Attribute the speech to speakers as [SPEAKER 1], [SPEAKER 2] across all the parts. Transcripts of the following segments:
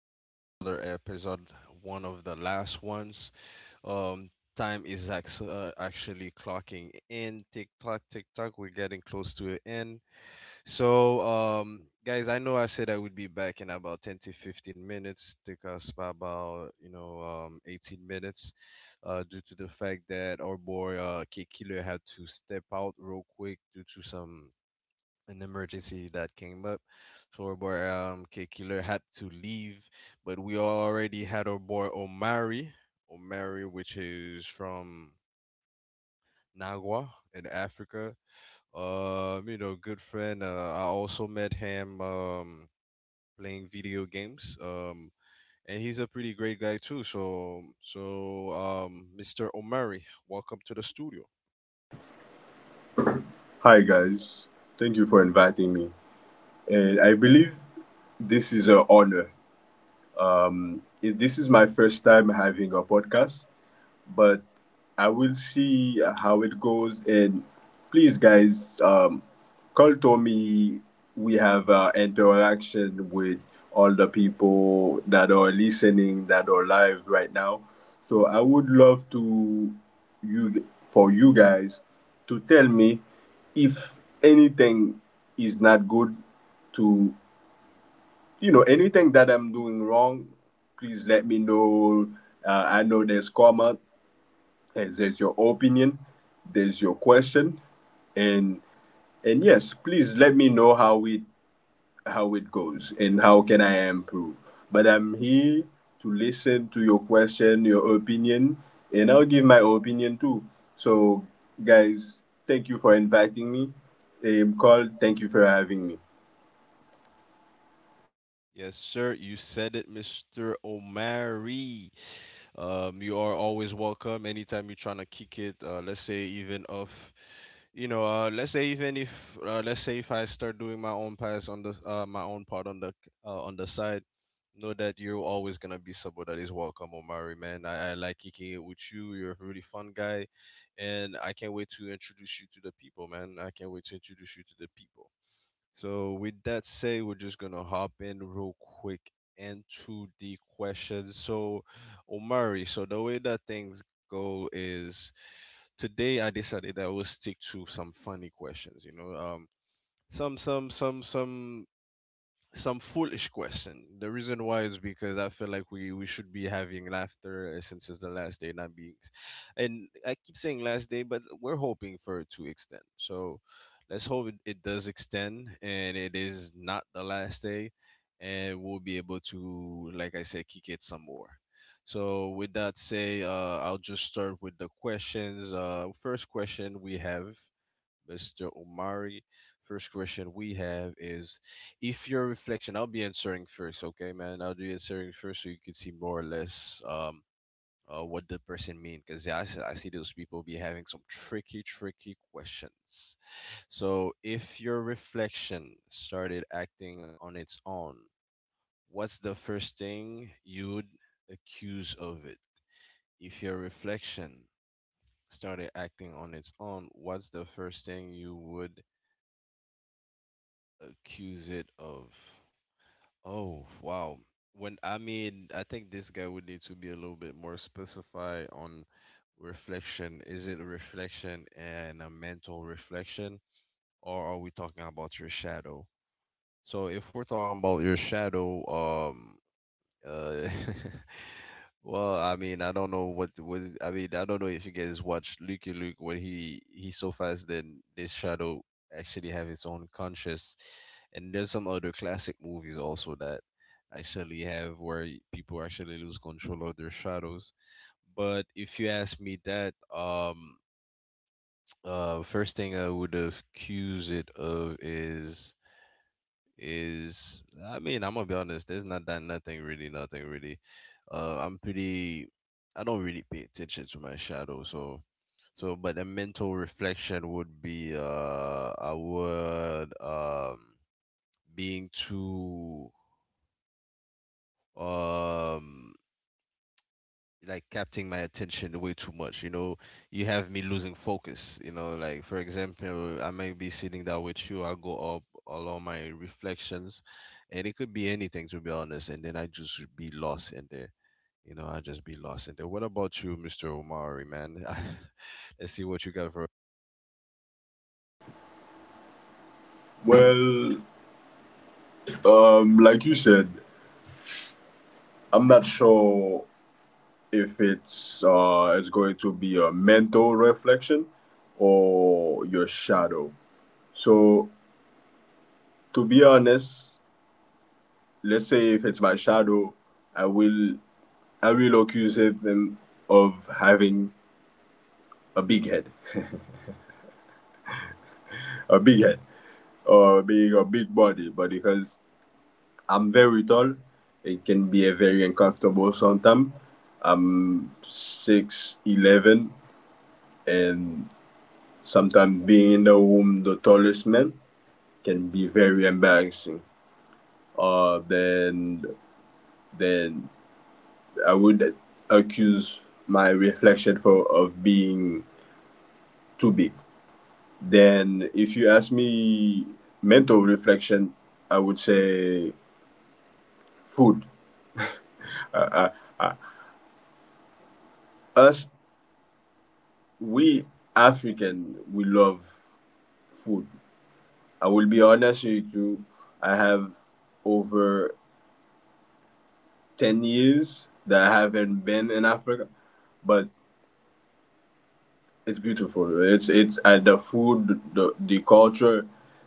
[SPEAKER 1] again with another episode, one of the last ones. Um, time is actually clocking in. Tick tock, tick tock. We're getting close to the end. So, guys, I know I said I would be back in about 10 to 15 minutes. Took us by about, 18 minutes due to the fact that our boy Kid Killer had to step out real quick due to some an emergency that came up. So our boy K Killer had to leave, but we already had our boy Omari, Omari, which is from Nagua in Africa. Good friend. I also met him playing video games. And he's a pretty great guy too. Mr. Omari, welcome to the studio.
[SPEAKER 2] Hi guys, thank you for inviting me. And I believe this is an honor. This is my first time having a podcast, but I will see how it goes. And please, guys, call Tommy. We have interaction with all the people that are listening, that are live right now. So I would love to you for you guys to tell me if anything is not good to you know anything that I'm doing wrong. Please let me know. I know there's comment and there's your opinion there's your question and yes, please let me know how it goes and how can I improve, but I'm here to listen to your question, your opinion, and I'll give my opinion too. So guys, thank you for inviting me. Carl, thank you for having me.
[SPEAKER 1] Yes, sir. You said it, Mr. Omari. You are always welcome anytime you're trying to kick it. Let's say even if you know, let's say even if let's say if I start doing my own pass on the my own part on the side, know that you're always gonna be someone that is welcome, Omari. Man, I like kicking it with you. You're a really fun guy, and I can't wait to introduce you to the people, man. I can't wait to introduce you to the people. So with that said, we're just gonna hop in real quick into the questions. So Omari, so the way that things go is today I decided I will stick to some funny questions, you know. Some some some some some foolish question. The reason why is because I feel like we should be having laughter since it's the last day, not being. And I keep saying last day, but we're hoping for it to extend. So let's hope it does extend and it is not the last day, and we'll be able to, like I said, kick it some more. So with that say, I'll just start with the questions. First question we have Mr. Omari. First question we have is if your reflection, I'll be answering first, okay, man? I'll be answering first so you can see more or less what the person mean because I see those people be having some tricky, tricky questions. So if your reflection started acting on its own, what's the first thing you would accuse of it? If your reflection started acting on its own, what's the first thing you would accuse it of? Oh, wow. when I mean I think this guy would need to be a little bit more specified on reflection. Is it a reflection and a mental reflection, or are we talking about your shadow? So if we're talking about your shadow, um. Uh, well, I don't know what I mean. I don't know if you guys watch Lucky Luke. When he he's so fast, then this shadow actually have its own conscious. And there's some other classic movies also that actually have where people actually lose control of their shadows. But if you ask me that, first thing I would have accused it of is I mean, I'm gonna be honest, there's nothing really, nothing really. I'm pretty— I don't really pay attention to my shadow, so so but a mental reflection would be I would being too um like capturing my attention way too much. You know, you have me losing focus. You know, like for example, I may be sitting down with you, I'll go up along my reflections, and it could be anything to be honest, and then I just be lost in there. You know, I just be lost in there. What about you, Mr. Omari, man? Let's see what you got for—
[SPEAKER 2] Well, like you said, I'm not sure if it's it's going to be a mental reflection or your shadow. So to be honest, let's say if it's my shadow, I will I will accuse them of having a big head, a big head, or being a big body. But because I'm very tall, it can be a very uncomfortable sometimes. I'm 6'11", and sometimes being in the room the tallest man can be very embarrassing. Then then I would accuse my reflection for of being too big. Then if you ask me mental reflection, I would say food. Uh, uh, us we African we love food. I will be honest with you. I have over 10 years that I haven't been in Africa, but it's beautiful. It's the food, the culture.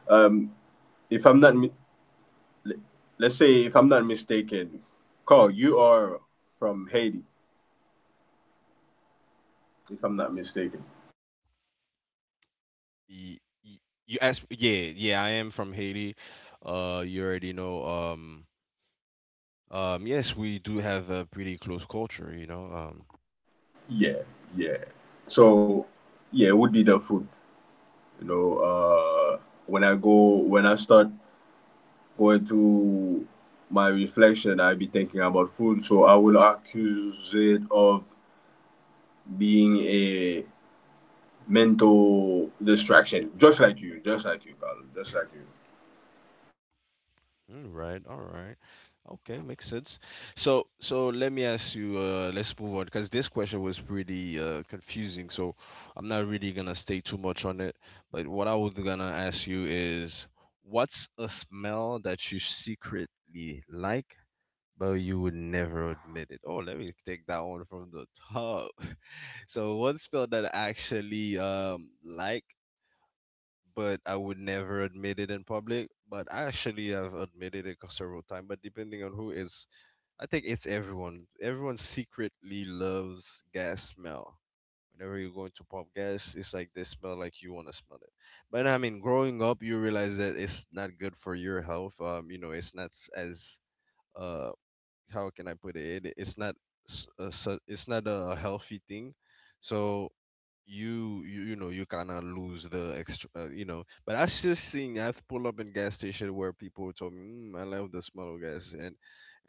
[SPEAKER 2] Um, if I'm not, mi- let's say if I'm not mistaken, Carl, you are from Haiti, if I'm not mistaken.
[SPEAKER 1] y- y- you asked— yeah, yeah, I am from Haiti. You already know yes, we do have a pretty close culture, you know.
[SPEAKER 2] Yeah, yeah. So, yeah, it would be the food. You know, when I go, when I start going to my reflection, I be thinking about food. So I will accuse it of being a mental distraction, just like you, Carl, just like you.
[SPEAKER 1] All right, all right. Okay, makes sense. So, so let me ask you, let's move on because this question was pretty confusing. So, I'm not really gonna stay too much on it. But what I was gonna ask you is, what's a smell that you secretly like, but you would never admit it? Oh, let me take that one from the top. So, one smell that I actually like but I would never admit it in public. But I actually have admitted it several times. But depending on who is, I think it's everyone. Everyone secretly loves gas smell. Whenever you're going to pump gas, it's like they smell like you want to smell it. But I mean, growing up, you realize that it's not good for your health. You know, it's not s- as uh how can I put it? It's not s- a, su- it's not a healthy thing. So you know you kind of lose the extra, you know. But I still seen I've pulled up in gas station where people told me mm, I love the smell of gas and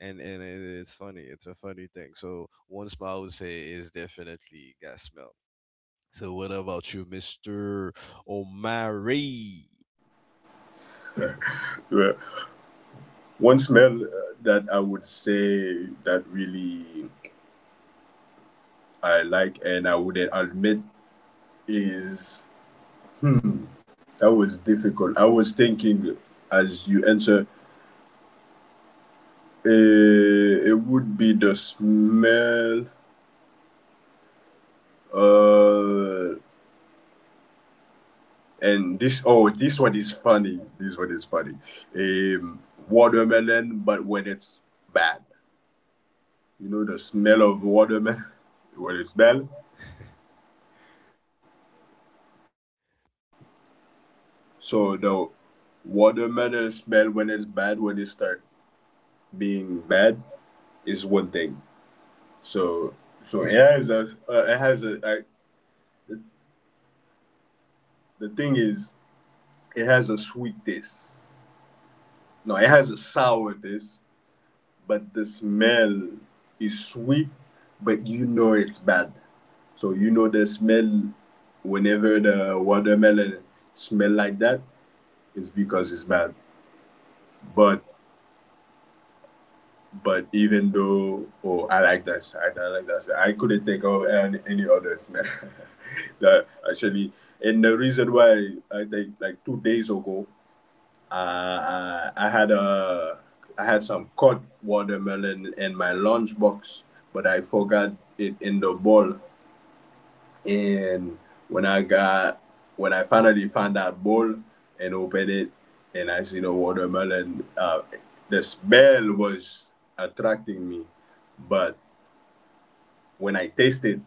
[SPEAKER 1] it's funny. It's a funny thing. So one smell I would say is definitely gas smell. So what about you, Mister Omari?
[SPEAKER 2] Yeah. One smell that I would say that really I like and I would admit is hmm, that was difficult. I was thinking as you answer, it would be the smell. Uh, and this oh, this one is funny. This one is funny. Um, watermelon, but when it's bad. You know the smell of watermelon when it's bad. So the watermelon smell when it's bad, when it start being bad, is one thing. So it has a the, the thing is it has a sweet taste. No, it has a sour taste, but the smell is sweet, but you know it's bad. So you know the smell whenever the watermelon smell like that is because it's bad. But even though, oh, I like that side, I like that side. I couldn't think of any, others, man. That actually, and the reason why I think like 2 days ago, I had I had some cut watermelon in my lunchbox, but I forgot it in the bowl and when I got when I finally found that bowl and opened it and I seen a watermelon, the smell was attracting me, but when I tasted,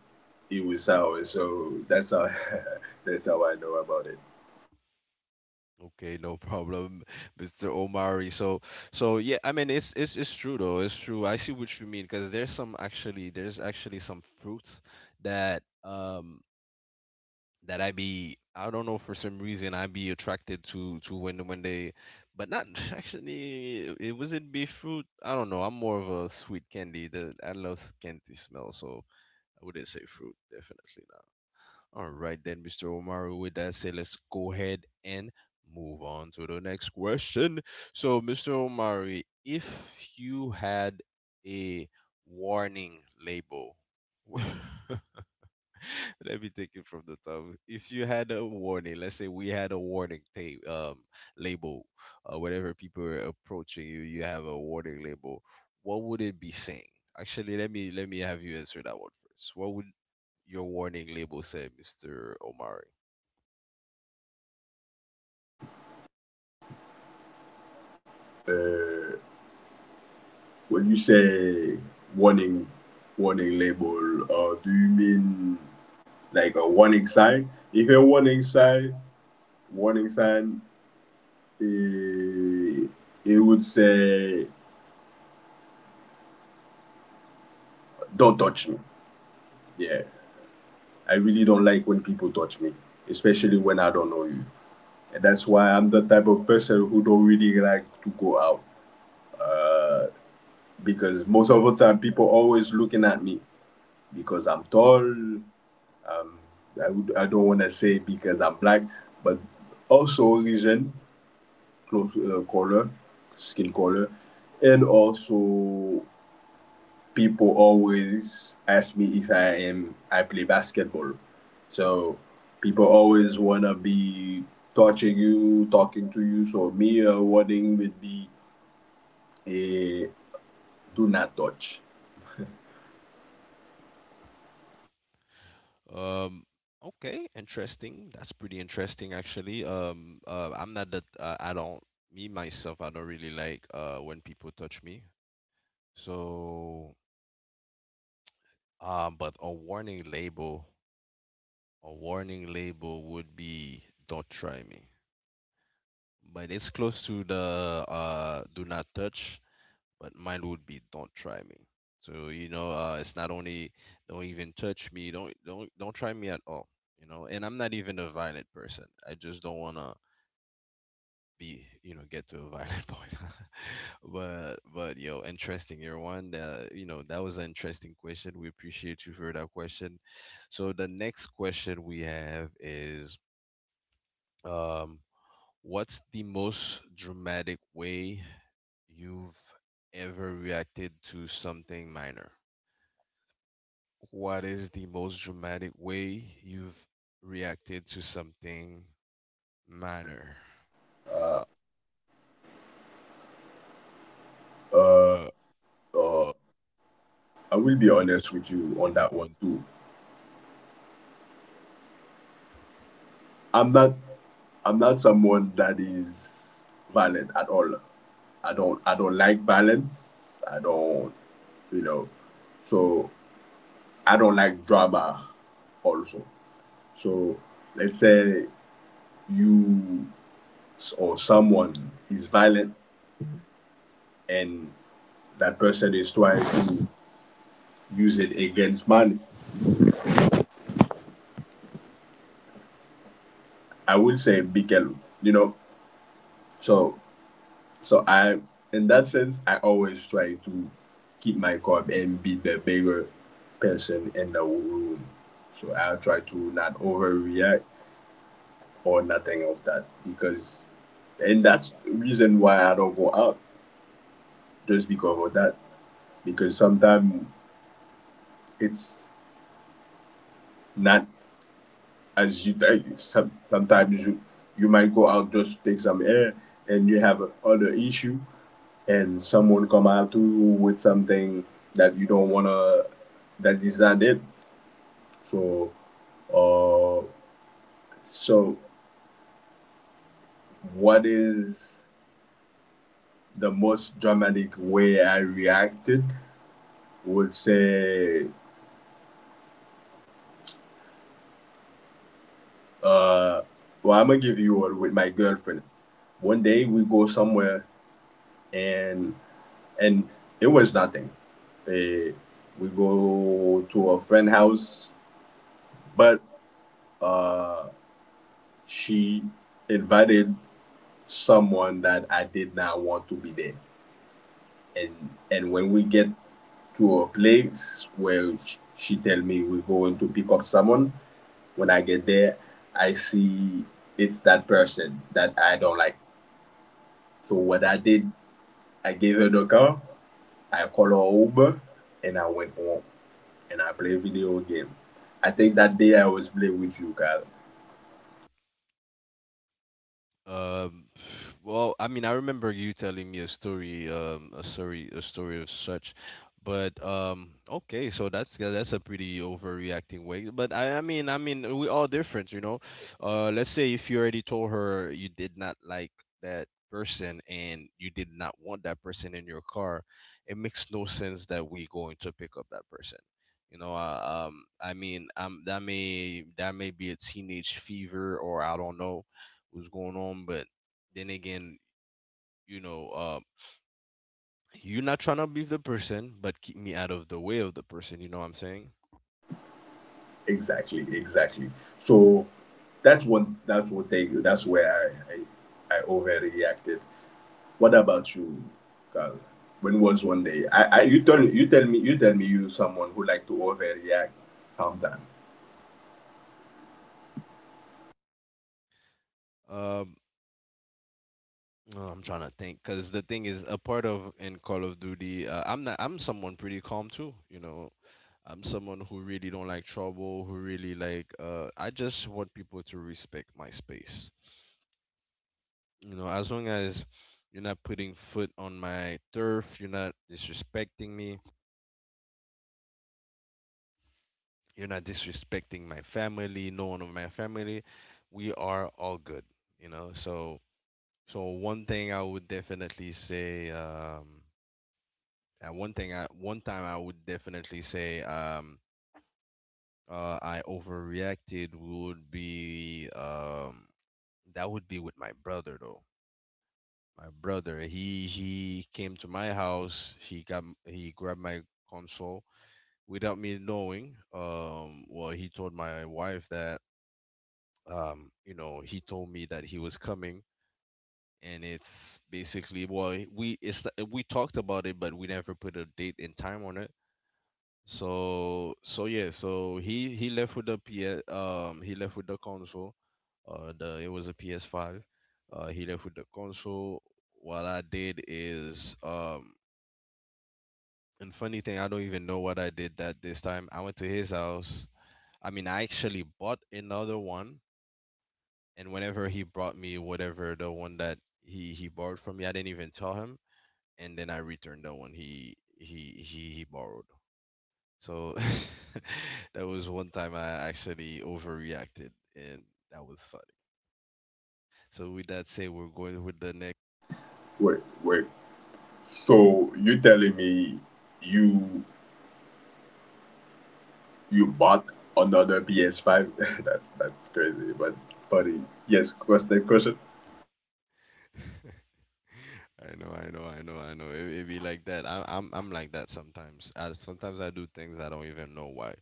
[SPEAKER 2] it was sour. So that's how that's how I know about it.
[SPEAKER 1] Okay, no problem, Mr. Omari. So, so yeah, I mean, it's true though. It's true. I see what you mean because there's some actually there's actually some fruits that that I be— I don't know, for some reason I be attracted to when they, but not actually it wasn't be fruit. I don't know. I'm more of a sweet candy. The I love candy smell, so I wouldn't say fruit. Definitely all right, then, Mr. Omar, with that said, let's go ahead and move on to the next question. So, Mr. Omari, if you had a warning label, let me take it from the top. If you had a warning, let's say we had a warning tape, label, whenever people are approaching you, you have a warning label. What would it be saying? Actually, let me have you answer that one first. What would your warning label say, Mr. Omari?
[SPEAKER 2] Uh, when you say warning warning label, do you mean like a warning sign? If a warning sign, warning sign, Uh, it would say, don't touch me. Yeah, I really don't like when people touch me, especially when I don't know you. And that's why I'm the type of person who don't really like to go out. Uh, because most of the time, people always looking at me because I'm tall. Would, I don't want to say because I'm black, but also reason, close color, skin color, and also people always ask me if I play basketball. So people always wanna be touching you, talking to you. So me warning would be a do not touch.
[SPEAKER 1] Um, okay, interesting. That's pretty interesting, actually. I'm not that I don't— me myself, I don't really like when people touch me. So but a warning label would be "Don't try me," but it's close to the "Do not touch." But mine would be "Don't try me." So you know, it's not only "Don't even touch me," don't try me at all. You know, and I'm not even a violent person. I just don't wanna be— you know, get to a violent point but yo interesting. You're one that, you know, that was an interesting question. We appreciate you for that question. So the next question we have is um what's the most dramatic way you've ever reacted to something minor? What is the most dramatic way you've reacted to something minor? uh
[SPEAKER 2] Uh,
[SPEAKER 1] uh
[SPEAKER 2] uh,
[SPEAKER 1] uh
[SPEAKER 2] I
[SPEAKER 1] be
[SPEAKER 2] will be
[SPEAKER 1] honest
[SPEAKER 2] honest with
[SPEAKER 1] with you
[SPEAKER 2] you
[SPEAKER 1] on
[SPEAKER 2] on that
[SPEAKER 1] that
[SPEAKER 2] one
[SPEAKER 1] one too.
[SPEAKER 2] too. I'm not I'm not someone that is violent at all. I don't like violence. I don't you know so I don't like drama also. So let's say you or someone is violent and that person is trying to use it against money. I would say Bikelu, you know. So I in that sense I always try to keep my cup and be the bigger person in the room. So I try to not overreact or nothing of that because and that's the reason why I don't go out just because of that. Because sometimes it's not as you think. Sometimes you might go out just to take some air, and you have other issue, and someone come out to you with something that you don't wanna that is not it. So, uh, so what is the most dramatic way I reacted? Would say, uh, well, I'm gonna give you one with my girlfriend. One day we go somewhere and and it was nothing. Eh, we go to a friend house, but uh, she invited someone that I did not want to be there. And when we get to a place where she tell me we're going to pick up someone, when I get there, I see it's that person that I don't like. So what I did, I gave her the car, I called a Uber, and I went home, and I play video game. I think that day I was playing with you, Kyle.
[SPEAKER 1] Um, Well, I mean, I remember you telling me a story, a story of such, but okay, so that's— yeah, that's a pretty overreacting way. But I mean, we all different, you know. Let's say if you already told her you did not like that person and you did not want that person in your car, it makes no sense that we going to pick up that person. You know, I mean, that may— that may be a teenage fever or I don't know what's going on, but then again, you know, you're not trying to be the person, but keep me out of the way of the person. You know what I'm saying?
[SPEAKER 2] Exactly, exactly. So that's one. That's one thing. That's where I overreacted. What about you, Kyle? When was one day? I you tell me you someone who like to overreact sometimes.
[SPEAKER 1] Um, oh, I'm trying to think because the thing is a part of in Call of Duty. I'm not. I'm someone pretty calm too. You know, I'm someone who really don't like trouble. Who really like. I just want people to respect my space. You know, as long as you're not putting foot on my turf, you're not disrespecting me— you're not disrespecting my family, no one of my family. We are all good, you know. So, so one thing I would definitely say, and one thing I, one time I would definitely say, I overreacted would be, that would be with my brother though. My brother, he came to my house. He got he grabbed my console without me knowing. He told my wife that he told me that he was coming, and it's basically we talked about it, but we never put a date and time on it. So yeah, so he left with the PS um he left with the console, the it was a PS5. He left with the console. What I did is and funny thing, I don't even know what I did that this time. I went to his house. I mean, I actually bought another one. And whenever he brought me whatever the one that he borrowed from me, I didn't even tell him, and then I returned the one he borrowed. So that was one time I actually overreacted, and that was funny. So with that say we're going with the next.
[SPEAKER 2] Wait, wait. So you telling me you you bought another PS5? That's crazy, but funny. Yes, what's next question?
[SPEAKER 1] I know, I know, I know, I know. It be like that. I'm like that sometimes. I, sometimes I do things I don't even know why.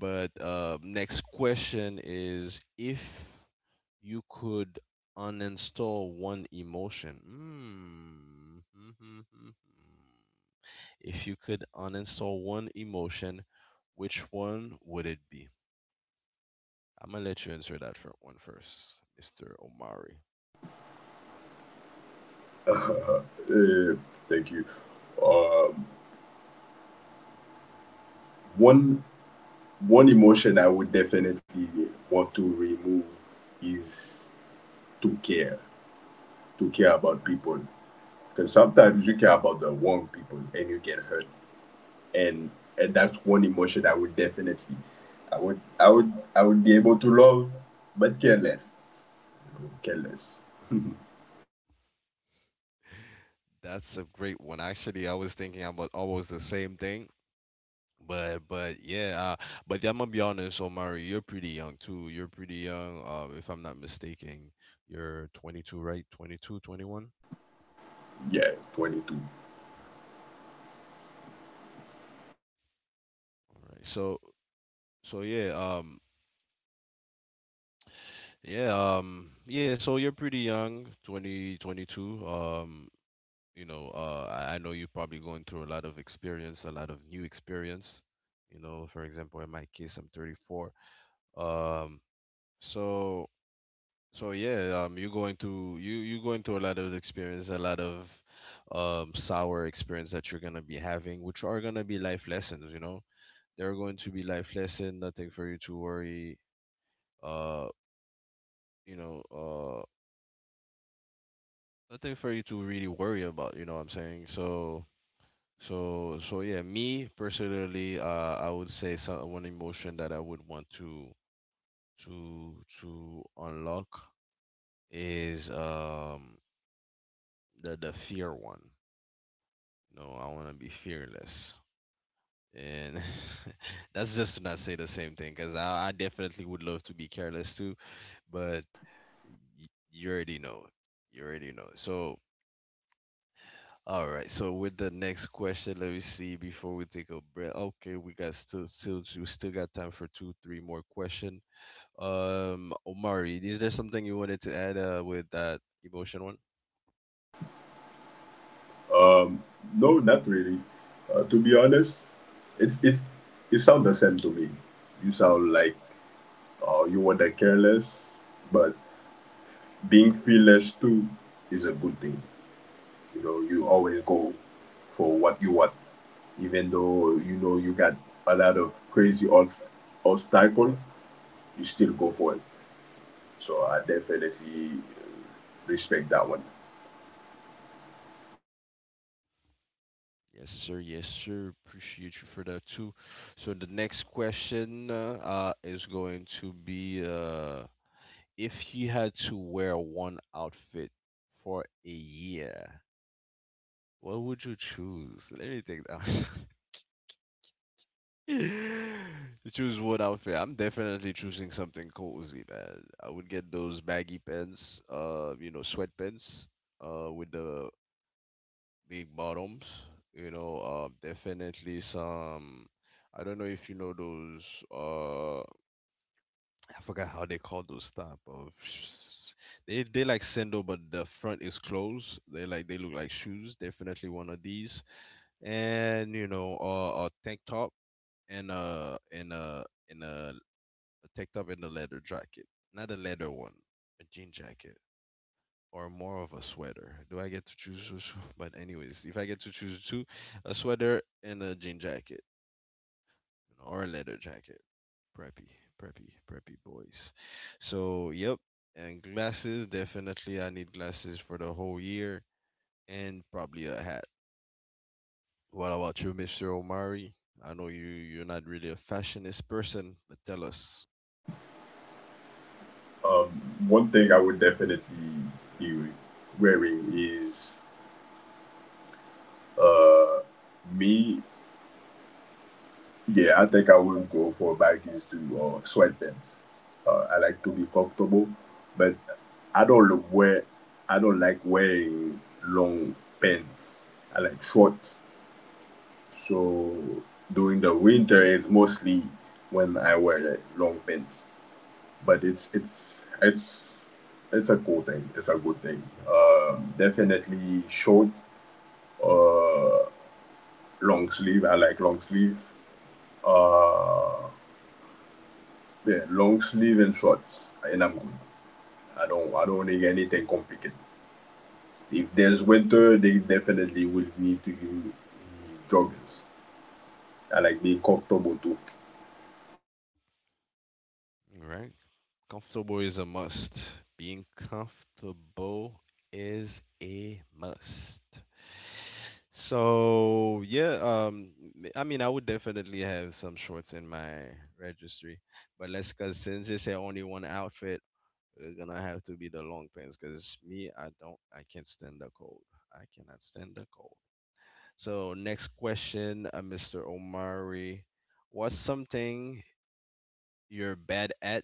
[SPEAKER 1] But next question is if you could uninstall one emotion. Mm. If you could uninstall one emotion, which one would it be? I'm gonna let you answer that for one first, Mr. Omari.
[SPEAKER 2] Uh, thank you. Um, one emotion I would definitely want to remove is to care, to care about people. Because sometimes you care about the wrong people and you get hurt, and that's one emotion I would definitely, I would be able to love, but care less, care less.
[SPEAKER 1] That's a great one. Actually, I was thinking about almost the same thing, but yeah, but yeah, I'm gonna be honest, Omari, you're pretty young too. You're pretty young, if I'm not mistaken. You're 22, right? 22, 21.
[SPEAKER 2] Yeah, 22.
[SPEAKER 1] All right. So yeah, yeah. So you're pretty young, 20, 22. You know, I know you're probably going through a lot of experience, a lot of new experience. You know, for example, in my case, I'm 34. Um, so So yeah, you're going to you're going through a lot of experience, a lot of sour experience that you're gonna be having, which are gonna be life lessons. You know, they're going to be life lesson. Nothing for you to worry. Uh, you know, uh, nothing for you to really worry about. You know what I'm saying? So yeah, me personally, I would say some one emotion that I would want to to unlock is the fear one. You know, I want to be fearless. And that's just to not say the same thing, because I definitely would love to be careless too, but you already know. You already know. So, all right. So, with the next question, let me see before we take a breath. Okay, we got we still got time for two, three more question. Omari, is there something you wanted to add with that emotion one?
[SPEAKER 2] Um, no, not really. To be honest, it, it, it sounds the same to me. You sound like you were the careless, but being fearless too is a good thing. You know, you always go for what you want, even though you know you got a lot of crazy obstacle, you still go for it. So I definitely respect that one.
[SPEAKER 1] Yes, sir. Yes, sir. Appreciate you for that too. So the next question is going to be if you had to wear one outfit for a year, what would you choose? Let me think that. You choose one outfit. I'm definitely choosing something cozy, man. I would get those baggy pants, you know, sweatpants, with the big bottoms. You know, definitely some. I don't know if you know those. I forgot how they call those type of. They like sandal, but the front is closed. They like they look like shoes. Definitely one of these, and you know, a tank top and a and a and a, a tank top and a leather jacket, not a leather one, a jean jacket or more of a sweater? Do I get to choose? Which one? But anyways, if I get to choose two, a sweater and a jean jacket, you know, or a leather jacket. Preppy, preppy boys. So yep, and glasses definitely. I need glasses for the whole year and probably a hat. What about you, Mr. Omari? I know you're not really a fashionist person, but tell us.
[SPEAKER 2] Um, one thing I would definitely be wearing is Uh, me, yeah, I think I would go for baggies too or sweatpants. I like to be comfortable, but I don't look wear, I don't like wearing long pants. I like shorts. So during the winter, it's mostly when I wear like, long pants. But it's a cool thing. It's a good thing. Definitely short, uh, long sleeve. I like long sleeves. Uh, yeah, long sleeve and shorts, and I'm good. I don't need anything complicated. If there's winter, they definitely will need to give me joggers. I like being comfortable too.
[SPEAKER 1] All right. Comfortable is a must. Being comfortable is a must. So yeah, I mean, I would definitely have some shorts in my registry, but let's cause since it's a only one outfit, it's gonna have to be the long pants. Cause me, I don't, I can't stand the cold. I cannot stand the cold. So next question, Mr. Omari, what's something you're bad at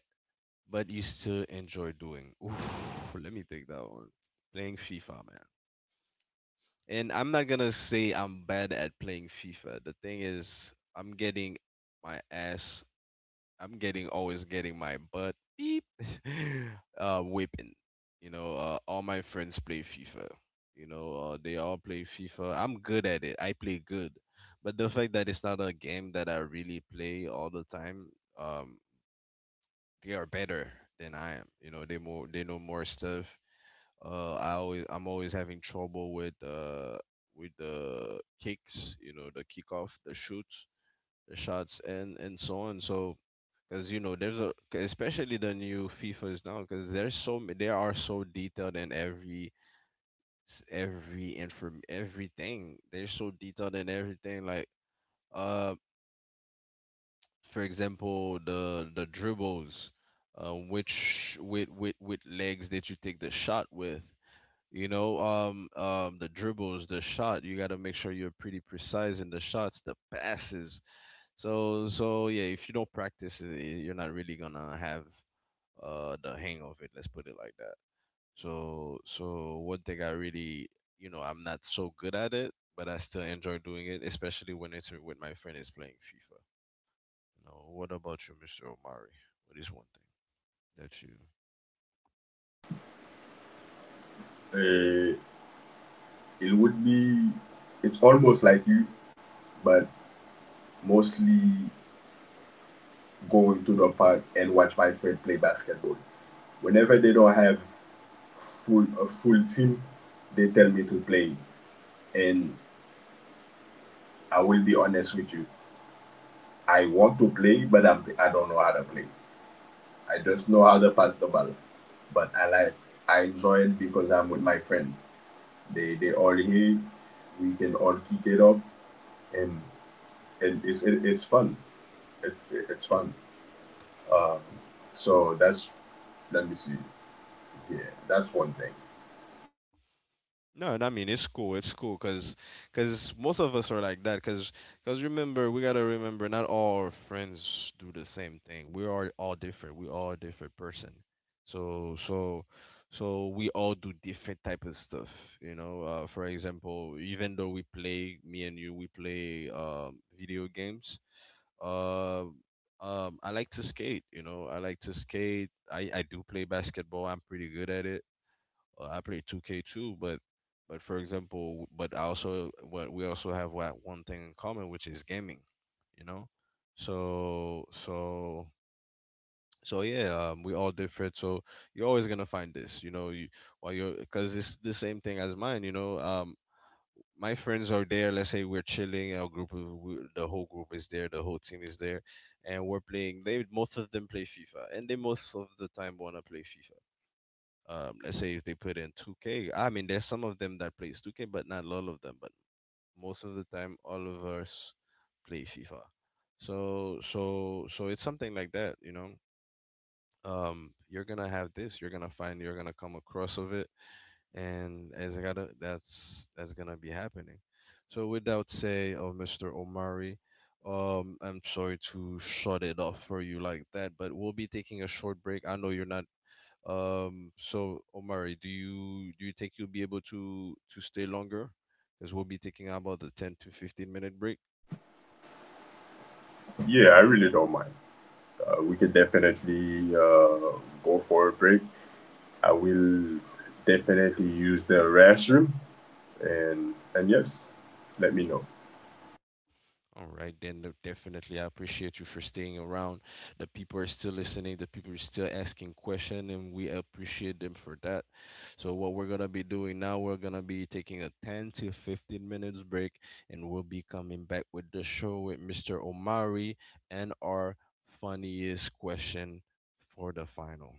[SPEAKER 1] but you still enjoy doing? Oof, let me take that one. Playing FIFA. And I'm not gonna say I'm bad at playing FIFA. The thing is, I'm getting my ass. I'm getting always getting my butt beep whipping. You know, all my friends play FIFA. You know, they all play FIFA. I'm good at it. I play good, but the fact that it's not a game that I really play all the time, um, they are better than I am. You know, they know more stuff. I'm always having trouble with the kicks, you know, the kickoff, the shoots, the shots, and so on. So because you know there's a 'cause especially the new fifas now, because they are so detailed in every s- every inform everything. They're so detailed in everything, like uh for example, the dribbles, which with legs that you take the shot with. You know, the dribbles, the shot. You got to make sure you're pretty precise in the shots, the passes. So yeah, if you don't practice it, you're not really gonna have the hang of it. Let's put it like that. So one thing I really, you know, I'm not so good at it, but I still enjoy doing it, especially when it's when my friend is playing FIFA. You know, what about you, Mr. Omari? What is one thing that you.
[SPEAKER 2] Uh, it would be, it's almost like you, but mostly going to the park and watch my friend play basketball. Whenever they don't have full a full team, they tell me to play, and I will be honest with you, I want to play, but I don't know how to play. I just know how to pass the ball. But I enjoy it because I'm with my friend. They all here. We can all kick it up, and it's it's fun. It's fun. Um, so that's let me see. Yeah, that's one thing.
[SPEAKER 1] No, I mean it's cool. It's cool because most of us are like that. Because remember, we gotta remember, not all our friends do the same thing. We are all different. We all different person. So so so we all do different type of stuff. You know, for example, even though we play, me and you, we play video games. Uh, I like to skate. You know, I like to skate. I do play basketball. I'm pretty good at it. I play 2K2, but for example, but I also what we also have what one thing in common, which is gaming, you know. So so so yeah, we all different. So you're always gonna find this, you know. You while you're because it's the same thing as mine, you know. My friends are there. Let's say we're chilling. Our group, of- we- the whole group is there. The whole team is there, and we're playing. They most of them play FIFA, and they most of the time wanna play FIFA. Let's say if they put in 2K, I mean, there's some of them that plays 2K, but not all of them. But most of the time, all of us play FIFA. So it's something like that, you know. You're gonna have this. You're gonna find. You're gonna come across of it, and that's gonna be happening. So, without say, oh, Mr. Omari, I'm sorry to shut it off for you like that, but we'll be taking a short break. I know you're not. Um, so Omari, do you think you'll be able to stay longer? Because we'll be taking about the 10 to 15 minute break.
[SPEAKER 2] Yeah, I really don't mind. We could definitely go for a break. I will definitely use the restroom, and yes, let me know.
[SPEAKER 1] All right, then definitely I appreciate you for staying around. The people are still listening, the people are still asking questions, and we appreciate them for that. So what we're gonna be doing now, we're gonna be taking a 10 to 15 minutes break, and we'll be coming back with the show with Mr. Omari and our funniest question for the final.